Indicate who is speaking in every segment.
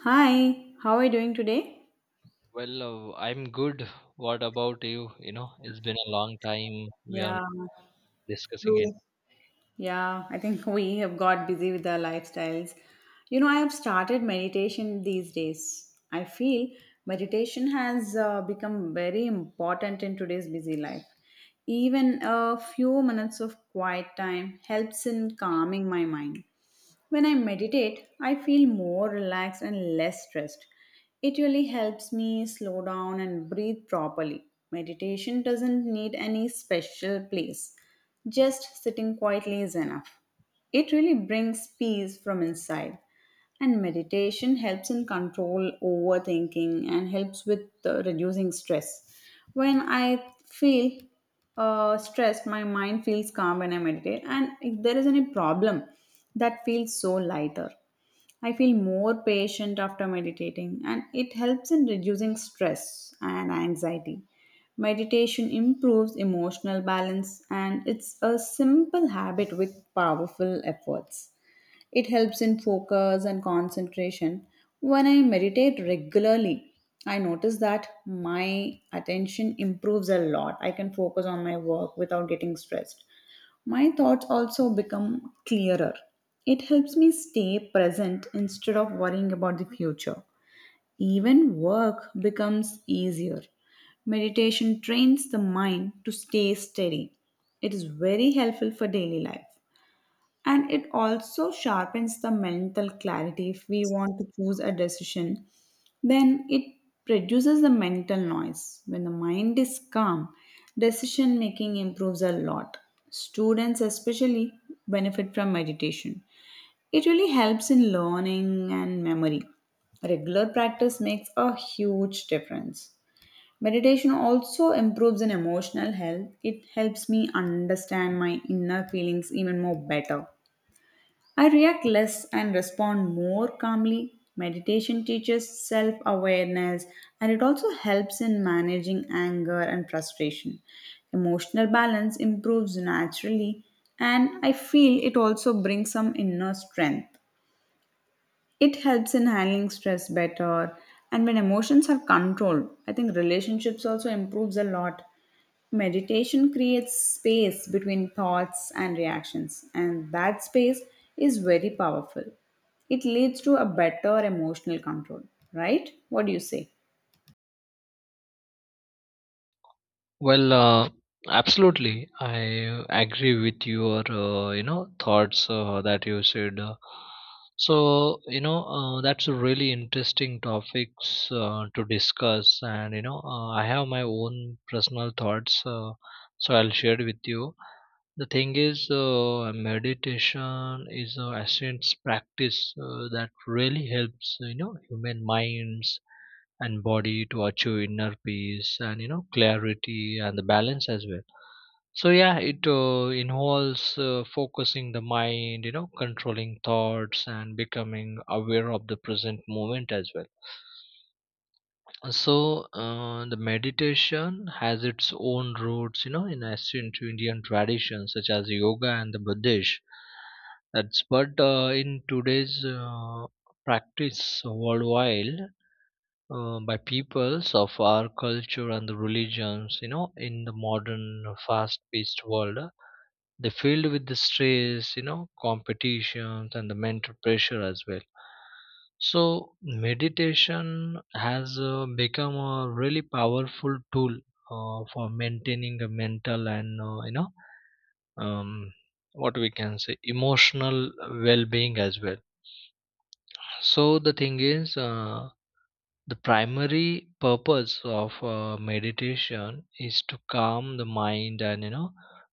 Speaker 1: Hi, how are you doing today?
Speaker 2: Well, I'm good. What about you? You know, it's been a long time we are
Speaker 1: Yeah,
Speaker 2: not discussing it.
Speaker 1: yeah, I think we have got busy with our lifestyles. You know, I have started meditation these days. I feel meditation has become very important in today's busy life. Even a few minutes of quiet time helps in calming my mind. When I meditate, I feel more relaxed and less stressed. It really helps me slow down and breathe properly. Meditation doesn't need any special place, just sitting quietly is enough. It really brings peace from inside. And meditation helps in control overthinking and helps with reducing stress. When I feel stressed, my mind feels calm when I meditate, and if there is any problem, that feels so lighter. I feel more patient after meditating, and it helps in reducing stress and anxiety. Meditation improves emotional balance, and it's a simple habit with powerful efforts. It helps in focus and concentration. When I meditate regularly, I notice that my attention improves a lot. I can focus on my work without getting stressed. My thoughts also become clearer. It helps me stay present instead of worrying about the future. Even work becomes easier. Meditation trains the mind to stay steady. It is very helpful for daily life, and it also sharpens the mental clarity. If we want to choose a decision, then it reduces the mental noise. When the mind is calm, decision making improves a lot. Students especially benefit from meditation. It really helps in learning and memory. Regular practice makes a huge difference. Meditation also improves in emotional health. It helps me understand my inner feelings even more better. I react less and respond more calmly. Meditation teaches self awareness, and it also helps in managing anger and frustration. Emotional balance improves naturally, and I feel it also brings some inner strength. It helps in handling stress better, and when emotions are controlled, I think relationships also improves a lot. Meditation creates space between thoughts and reactions, and that space is very powerful. It leads to a better emotional control, right? What do you say?
Speaker 2: Well, absolutely. I agree with your, thoughts that you said. You know, that's a really interesting topics to discuss, and you know, I have my own personal thoughts, so I'll share with you. The thing is, meditation is a ancient practice that really helps, you know, human minds and body to achieve inner peace and you know clarity and the balance as well. So yeah, it involves focusing the mind, you know, controlling thoughts and becoming aware of the present moment as well. So the meditation has its own roots, you know, in ancient Indian traditions such as yoga and the Buddhist. That's but in today's practice worldwide by peoples of our culture and the religions, you know, in the modern fast-paced world, they filled with the stress, you know, competitions and the mental pressure as well. So meditation has become a really powerful tool for maintaining a mental and, you know, um, what we can say emotional well-being as well. So the thing is. The primary purpose of meditation is to calm the mind and you know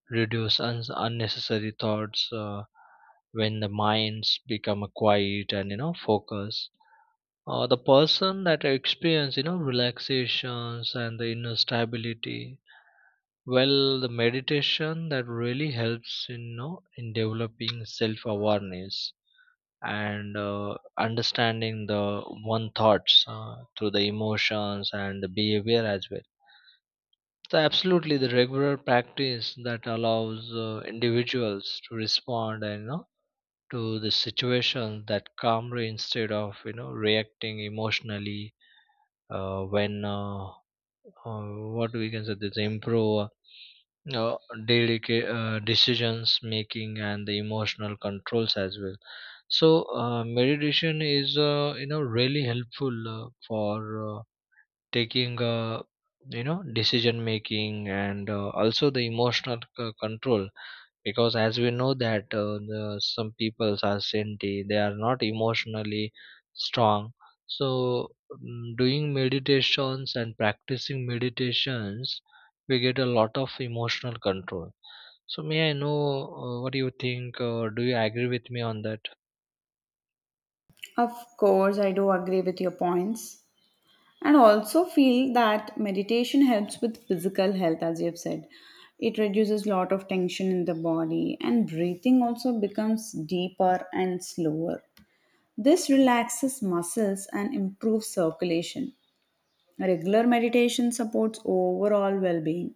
Speaker 2: reduce unnecessary thoughts. When the minds become quiet and you know focus, the person that experience you know relaxations and the inner stability. Well, the meditation that really helps you know in developing self awareness and understanding the one thoughts through the emotions and the behavior as well, so absolutely the regular practice that allows individuals to respond and you know to the situation that calmly instead of you know reacting emotionally, when uh, what we can say this improve uh, delicate decisions making and the emotional controls as well. So meditation is, you know, really helpful for taking, you know, decision making and also the emotional control, because as we know that the, some people are senti they are not emotionally strong, so doing meditations and practicing meditations we get a lot of emotional control. So may I know what do you think, do you agree with me on that?
Speaker 1: Of course, I do agree with your points. And also feel that meditation helps with physical health, as you have said. It reduces a lot of tension in the body, and breathing also becomes deeper and slower. This relaxes muscles and improves circulation. Regular meditation supports overall well being.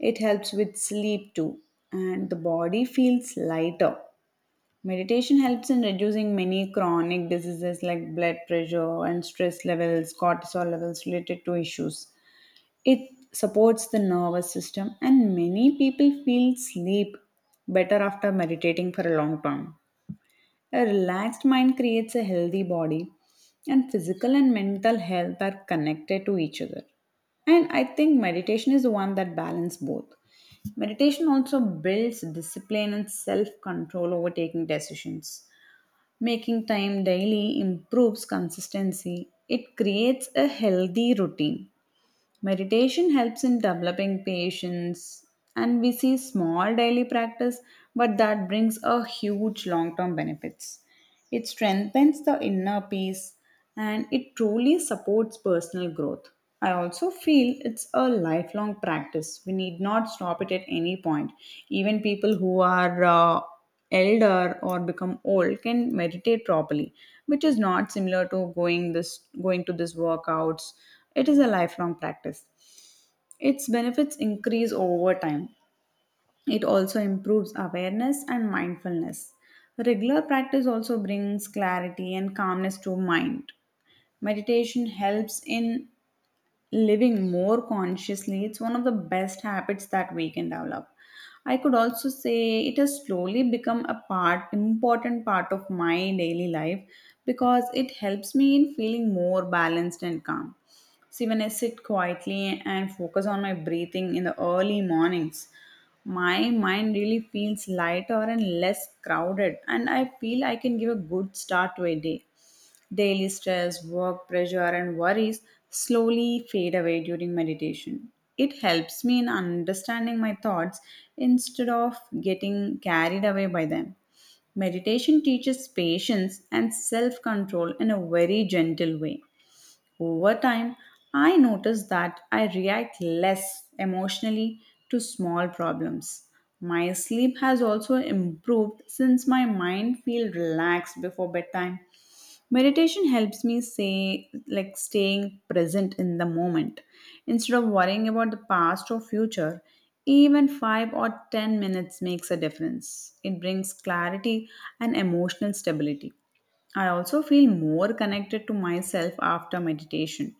Speaker 1: It helps with sleep too, and the body feels lighter. Meditation helps in reducing many chronic diseases like blood pressure and stress levels, cortisol levels related to issues. It supports the nervous system, and many people feel sleep better after meditating for a long time. A relaxed mind creates a healthy body, and physical and mental health are connected to each other. And I think meditation is the one that balances both. Meditation also builds discipline and self control over taking decisions. Making time daily improves consistency. It creates a healthy routine. Meditation helps in developing patience, and we see small daily practice, but that brings a huge long term benefits. It strengthens the inner peace and it truly supports personal growth. I also feel it's a lifelong practice. We need not stop it at any point. Even people who are elder or become old can meditate properly, which is not similar to going to this workouts. It is a lifelong practice. Its benefits increase over time. It also improves awareness and mindfulness. Regular practice also brings clarity and calmness to mind. Meditation helps in living more consciously. It's one of the best habits that we can develop. I could also say it has slowly become important part of my daily life because it helps me in feeling more balanced and calm. See, when I sit quietly and focus on my breathing in the early mornings, my mind really feels lighter and less crowded, and I feel I can give a good start to a day. Daily stress, work pressure, and worries slowly fade away during meditation. It helps me in understanding my thoughts instead of getting carried away by them. Meditation teaches patience and self control in a very gentle way. Over time, I noticed that I react less emotionally to small problems. My sleep has also improved since my mind feels relaxed before bedtime. Meditation helps me say like staying present in the moment instead of worrying about the past or future. Even 5 or 10 minutes makes a difference. It brings clarity and emotional stability. I also feel more connected to myself after meditation.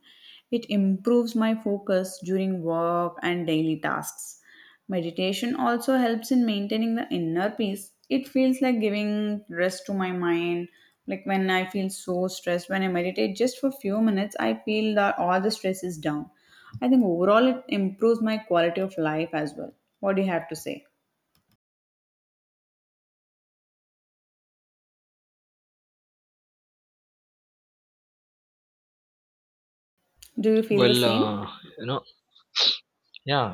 Speaker 1: It improves my focus during work and daily tasks. Meditation also helps in maintaining the inner peace. It feels like giving rest to my mind. Like when I feel so stressed, when I meditate just for few minutes, I feel that all the stress is down. I think overall it improves my quality of life as well. What do you have to say? Do you feel the
Speaker 2: Well,
Speaker 1: same?
Speaker 2: you know, yeah,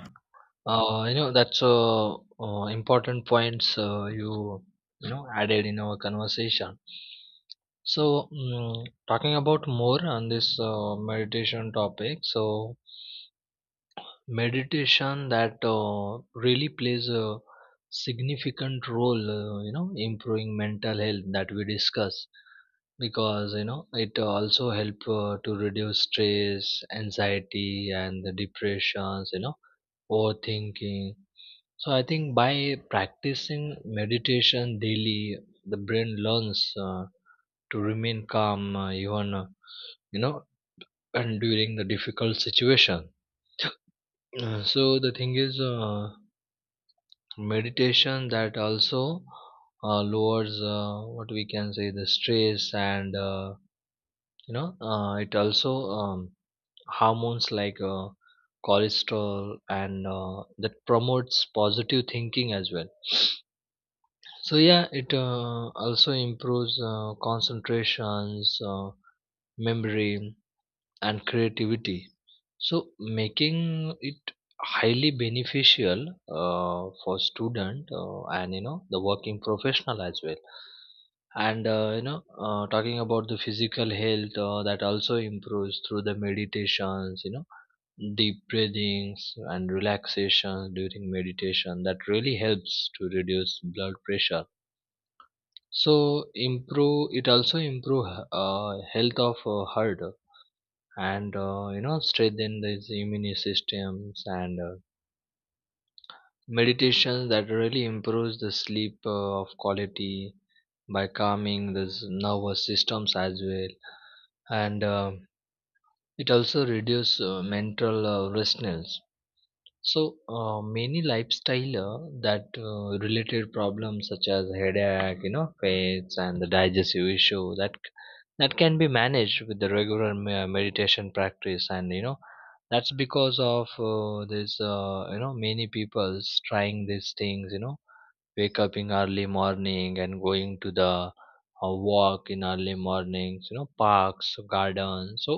Speaker 2: you know, that's important points, you know, added in our conversation. So, talking about more on this meditation topic, so meditation that really plays a significant role, you know, improving mental health that we discuss, because you know it also help to reduce stress, anxiety, and the depressions, you know, overthinking. So I think by practicing meditation daily, the brain learns to remain calm even. You know, and during the difficult situation. So the thing is, meditation that also lowers, what we can say the stress and, you know, it also um, hormones like cholesterol and that promotes positive thinking as well. So yeah, it also improves concentrations, uh, memory and creativity. So making it highly beneficial for student and you know the working professional as well. And, you know, talking about the physical health, that also improves through the meditations, you know, deep breathings and relaxation during meditation that really helps to reduce blood pressure. So improve it also improve health of heart and, you know, strengthen these immune systems and, meditation that really improves the sleep of quality by calming these nervous systems as well. And it also reduces mental restlessness. So many lifestyle that related problems such as headache, you know, fats and the digestive issue that can be managed with the regular meditation practice, and you know that's because of this, you know, many people's trying these things, you know, wake up in early morning and going to the walk in early mornings, you know, parks, gardens. So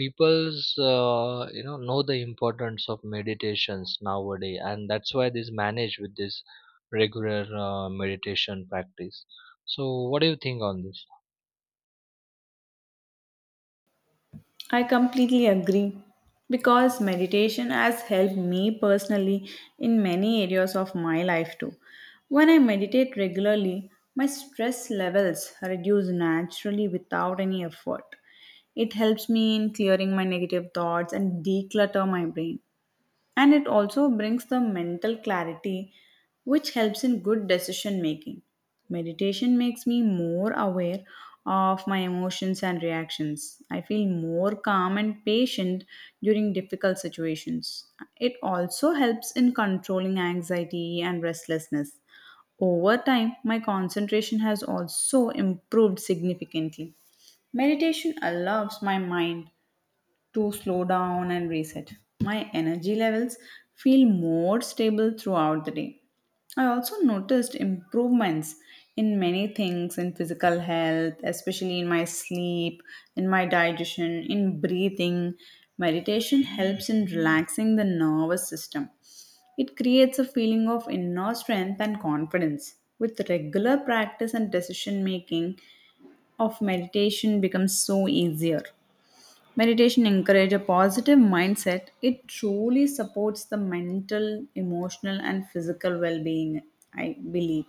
Speaker 2: people's, you know the importance of meditations nowadays, and that's why this manage with this regular meditation practice. So what do you think on this?
Speaker 1: I completely agree because meditation has helped me personally in many areas of my life too. When I meditate regularly, my stress levels reduce naturally without any effort. It helps me in clearing my negative thoughts and declutter my brain and it also brings the mental clarity which helps in good decision making meditation makes me more aware of my emotions and reactions I feel more calm and patient during difficult situations it also helps in controlling anxiety and restlessness over time my concentration has also improved significantly meditation allows my mind to slow down and reset. My energy levels feel more stable throughout the day. I also noticed improvements in many things in physical health, especially in my sleep, in my digestion, in breathing. Meditation helps in relaxing the nervous system. It creates a feeling of inner strength and confidence. With regular practice and decision making, of meditation becomes so easier. Meditation encourages a positive mindset. It truly supports the mental, emotional, and physical well being, I believe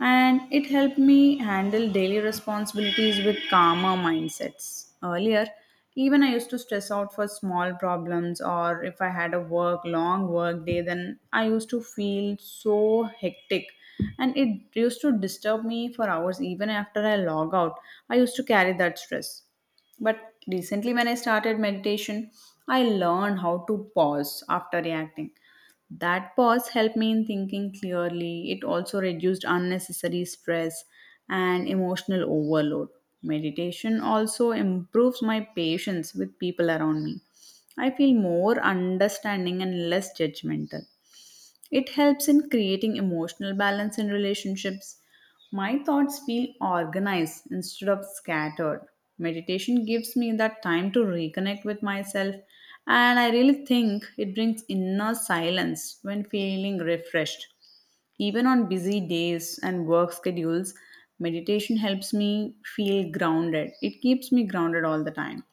Speaker 1: and it helped me handle daily responsibilities with calmer mindsets. Earlier, even I used to stress out for small problems, or if I had a work long work day, then I used to feel so hectic, and it used to disturb me for hours. Even after I log out, I used to carry that stress. But recently, when I started meditation, I learned how to pause after reacting. That pause helped me in thinking clearly. It also reduced unnecessary stress and emotional overload. Meditation also improves my patience with people around me. I feel more understanding and less judgmental. It helps in creating emotional balance in relationships. My thoughts feel organized instead of scattered. Meditation gives me that time to reconnect with myself, and I really think it brings inner silence when feeling refreshed. Even on busy days and work schedules, meditation helps me feel grounded. It keeps me grounded all the time.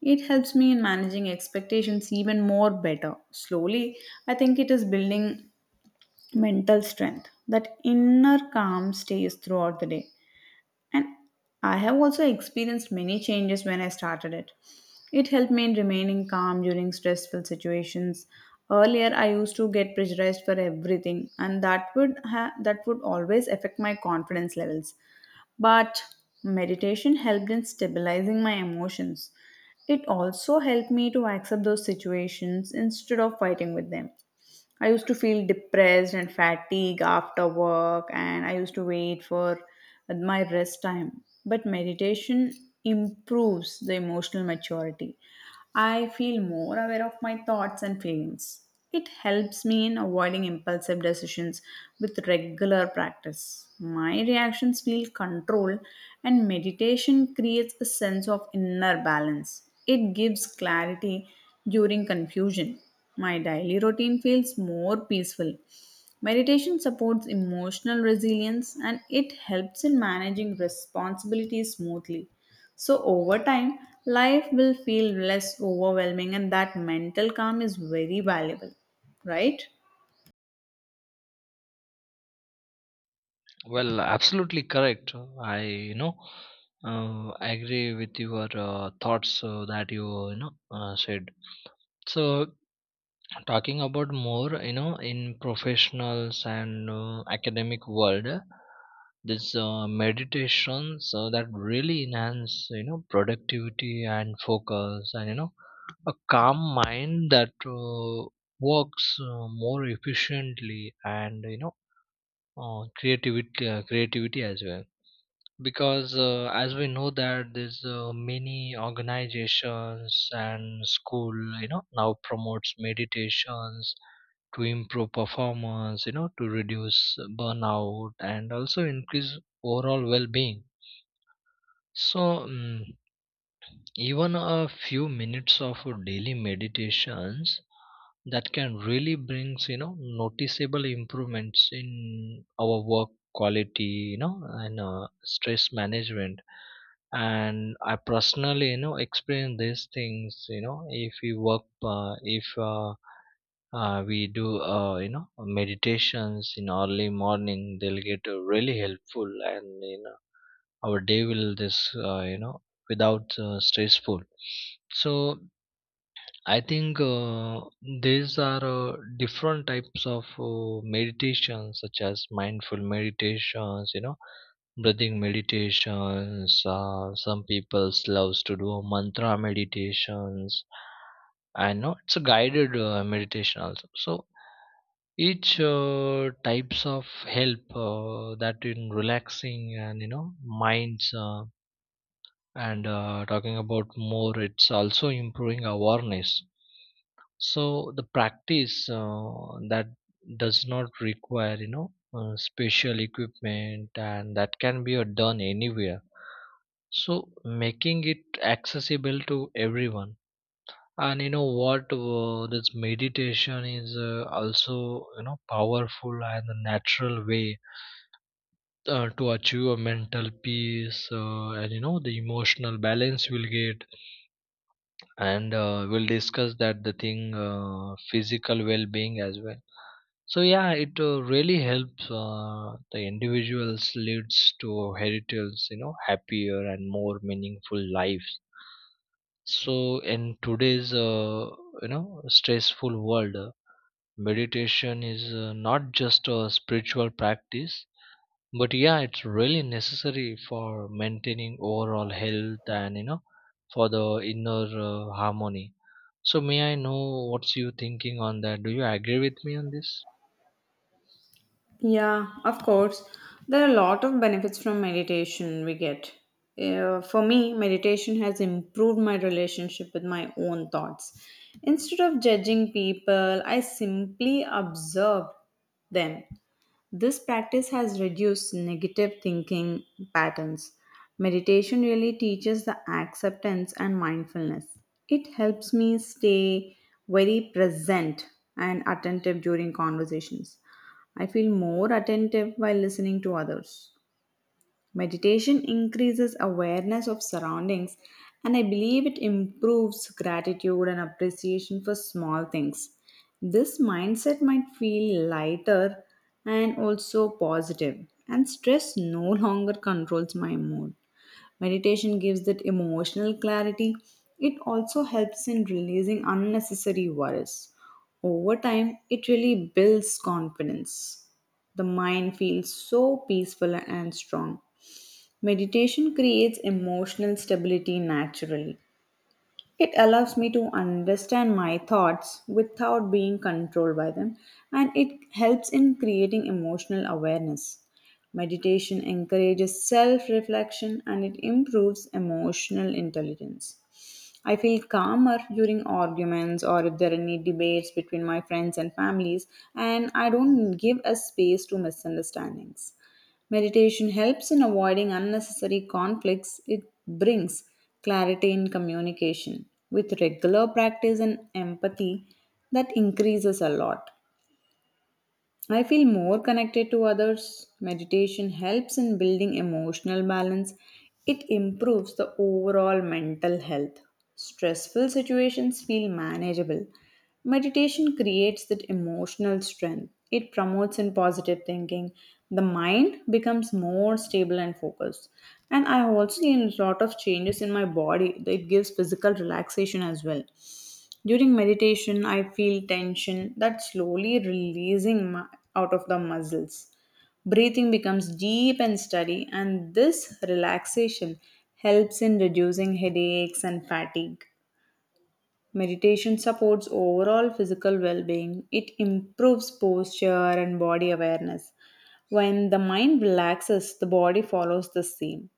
Speaker 1: It helps me in managing expectations even more better. Slowly, I think it is building mental strength that inner calm stays throughout the day and I have also experienced many changes when I started it it helped me in remaining calm during stressful situations earlier I used to get pressurized for everything and that would ha- that would always affect my confidence levels but meditation helped in stabilizing my emotions it also helped me to accept those situations instead of fighting with them I used to feel depressed and fatigued after work, and I used to wait for my rest time. But meditation improves the emotional maturity. I feel more aware of my thoughts and feelings. It helps me in avoiding impulsive decisions with regular practice. My reactions feel controlled, and meditation creates a sense of inner balance. It gives clarity during confusion. My daily routine feels more peaceful. Meditation supports emotional resilience and it helps in managing responsibilities smoothly. So, over time, life will feel less overwhelming, and that mental calm is very valuable, right?
Speaker 2: Well, absolutely correct. I, you know, agree with your thoughts that you you know said. So talking about more, you know, in professionals and academic world, this meditation, so that really enhance you know productivity and focus, and you know a calm mind that works more efficiently and you know creativity as well. Because as we know that there's many organizations and school, you know, now promotes meditations to improve performance, you know, to reduce burnout and also increase overall well-being. So, mm even a few minutes of daily meditations, that can really brings you know noticeable improvements in our work quality, you know, and stress management. And I personally, you know, experience these things. You know, if we work, if we do, you know, meditations in early morning, they'll get really helpful, and you know our day will this, you know, without stressful. So I think, these are different types of meditations such as mindful meditations, you know, breathing meditations. Some people loves to do mantra meditations, and no, it's a guided meditation also. So each types of help that in relaxing, and you know minds, and, talking about more, it's also improving awareness. So the practice that does not require you know special equipment, and that can be done anywhere, so making it accessible to everyone. And you know what, this meditation is, also you know powerful and a natural way to achieve a mental peace, and you know the emotional balance will get. And we'll discuss that the thing, physical well-being as well. So yeah, it really helps the individuals leads to heritage, you know, happier and more meaningful lives. So in today's you know stressful world, meditation is not just a spiritual practice, but yeah, it's really necessary for maintaining overall health, and you know for the inner harmony. So may I know what's you thinking on that? Do you agree with me on this?
Speaker 1: Yeah, of course. There are a lot of benefits from meditation we get. For me, meditation has improved my relationship with my own thoughts. Instead of judging people, I simply observe them. This practice has reduced negative thinking patterns. Meditation really teaches the acceptance and mindfulness. It helps me stay very present and attentive during conversations. I feel more attentive while listening to others. Meditation increases awareness of surroundings, and I believe it improves gratitude and appreciation for small things. This mindset might feel lighter and also positive, and stress no longer controls my mood. Meditation gives that emotional clarity. It also helps in releasing unnecessary worries. Over time, it really builds confidence. The mind feels so peaceful and strong. Meditation creates emotional stability naturally. It allows me to understand my thoughts without being controlled by them, and it helps in creating emotional awareness. Meditation encourages self reflection and it improves emotional intelligence. I feel calmer during arguments or if there are any debates between my friends and families, and I don't give a space to misunderstandings. Meditation helps in avoiding unnecessary conflicts. It brings clarity in communication. With regular practice and empathy, that increases a lot. I feel more connected to others. Meditation helps in building emotional balance. It improves the overall mental health. Stressful situations feel manageable. Meditation creates that emotional strength. It promotes in positive thinking. The mind becomes more stable and focused. And I also gain a lot of changes in my body. It gives physical relaxation as well. During meditation, I feel tension that slowly releasing out of the muscles. Breathing becomes deep and steady, and this relaxation helps in reducing headaches and fatigue. Meditation supports overall physical well being, it improves posture and body awareness. When the mind relaxes, the body follows the same.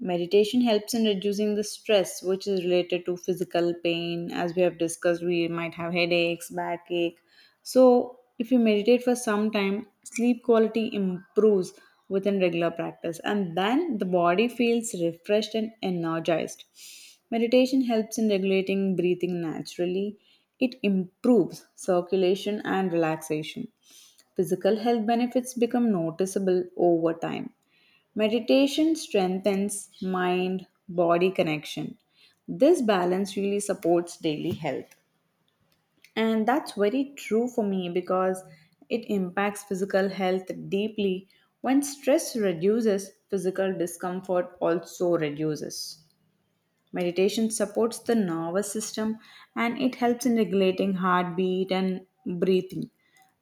Speaker 1: Meditation helps in reducing the stress which is related to physical pain. As we have discussed, we might have headaches, backache. So, if you meditate for some time, sleep quality improves within regular practice, and then the body feels refreshed and energized. Meditation helps in regulating breathing naturally, it improves circulation and relaxation. Physical health benefits become noticeable over time. Meditation strengthens mind body connection. This balance really supports daily health. And that's very true for me because it impacts physical health deeply. When stress reduces, physical discomfort also reduces. Meditation supports the nervous system and it helps in regulating heartbeat and breathing.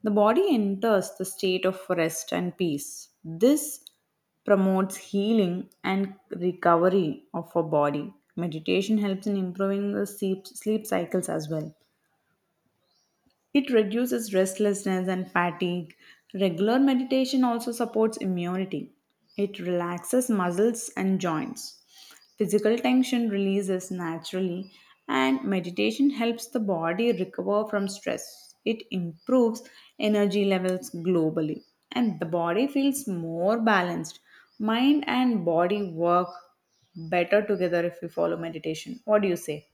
Speaker 1: The body enters the state of rest and peace. This promotes healing and recovery of our body. Meditation helps in improving sleep cycles as well. It reduces restlessness and fatigue. Regular meditation also supports immunity. It relaxes muscles and joints. Physical tension releases naturally, and meditation helps the body recover from stress. It improves energy levels globally, and the body feels more balanced. Mind and body work better together if we follow meditation. What do you say?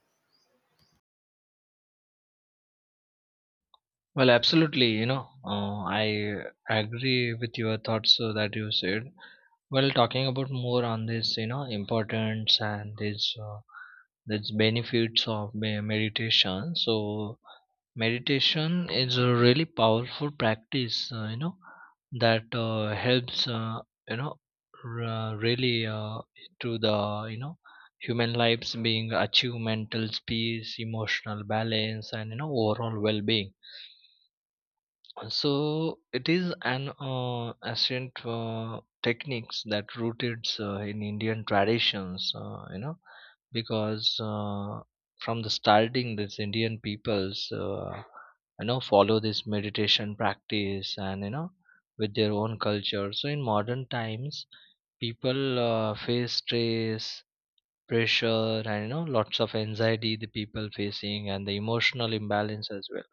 Speaker 2: Well, absolutely. You know, I agree with your thoughts that you said. Well, talking about more on this, you know, importance and this this benefits of meditation. So meditation is a really powerful practice, you know, that helps, you know, really, to the, you know, human lives being achieve mental peace, emotional balance, and, you know, overall well being. So it is an ancient techniques that rooted in Indian traditions, you know, because from the starting, this Indian peoples, you know, follow this meditation practice, and you know, with their own culture. So in modern times, people face stress, pressure, and you know lots of anxiety the people facing, and the emotional imbalance as well.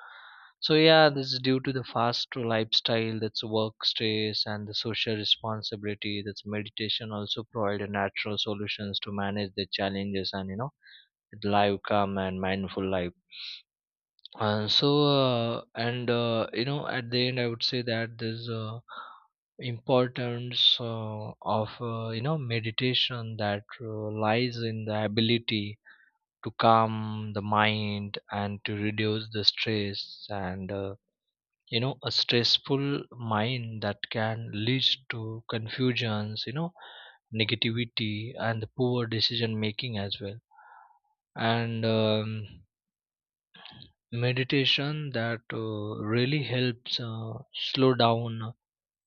Speaker 2: So yeah, this is due to the fast lifestyle, that's work stress and the social responsibility, that's meditation also provide a natural solutions to manage the challenges, and you know live calm and mindful life. And so and you know at the end, I would say that there's importance of you know meditation that lies in the ability to calm the mind and to reduce the stress. And you know a stressful mind that can lead to confusions, you know, negativity and the poor decision making as well. And meditation that really helps slow down,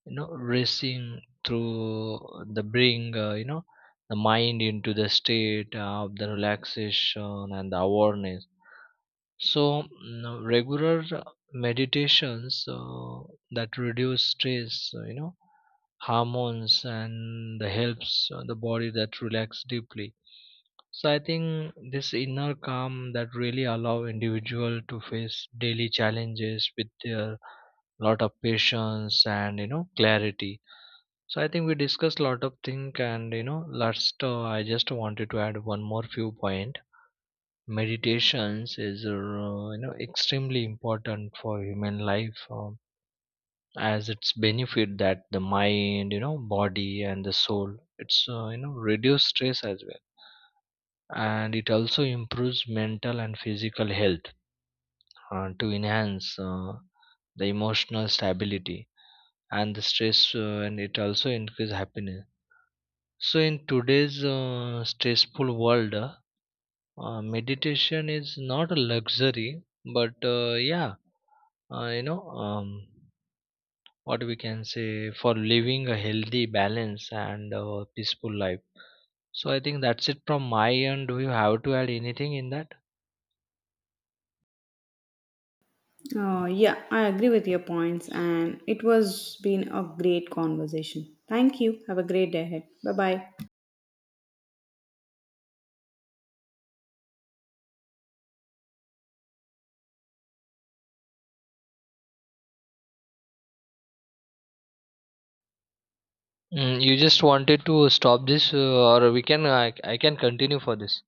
Speaker 2: you know, racing through the bring, you know, the mind into the state of the relaxation and the awareness. So, regular meditations that reduce stress, you know, hormones, and the helps the body that relax deeply. So I think this inner calm that really allow individual to face daily challenges with their lot of patience and you know clarity. So I think we discussed lot of thing, and you know last, I just wanted to add one more few point. Meditations is, you know, extremely important for human life, as it's benefit that the mind, you know, body and the soul, it's, you know, reduce stress as well, and it also improves mental and physical health to enhance the emotional stability and the stress, and it also increase happiness. So in today's, stressful world, meditation is not a luxury, but yeah, you know, what we can say for living a healthy, balance, and peaceful life. So I think that's it from my end. Do you have to add anything in that?
Speaker 1: Yeah, I agree with your points, and it was been a great conversation. Thank you. Have a great day ahead. Bye bye.
Speaker 2: You just wanted to stop this, or we can I can continue for this.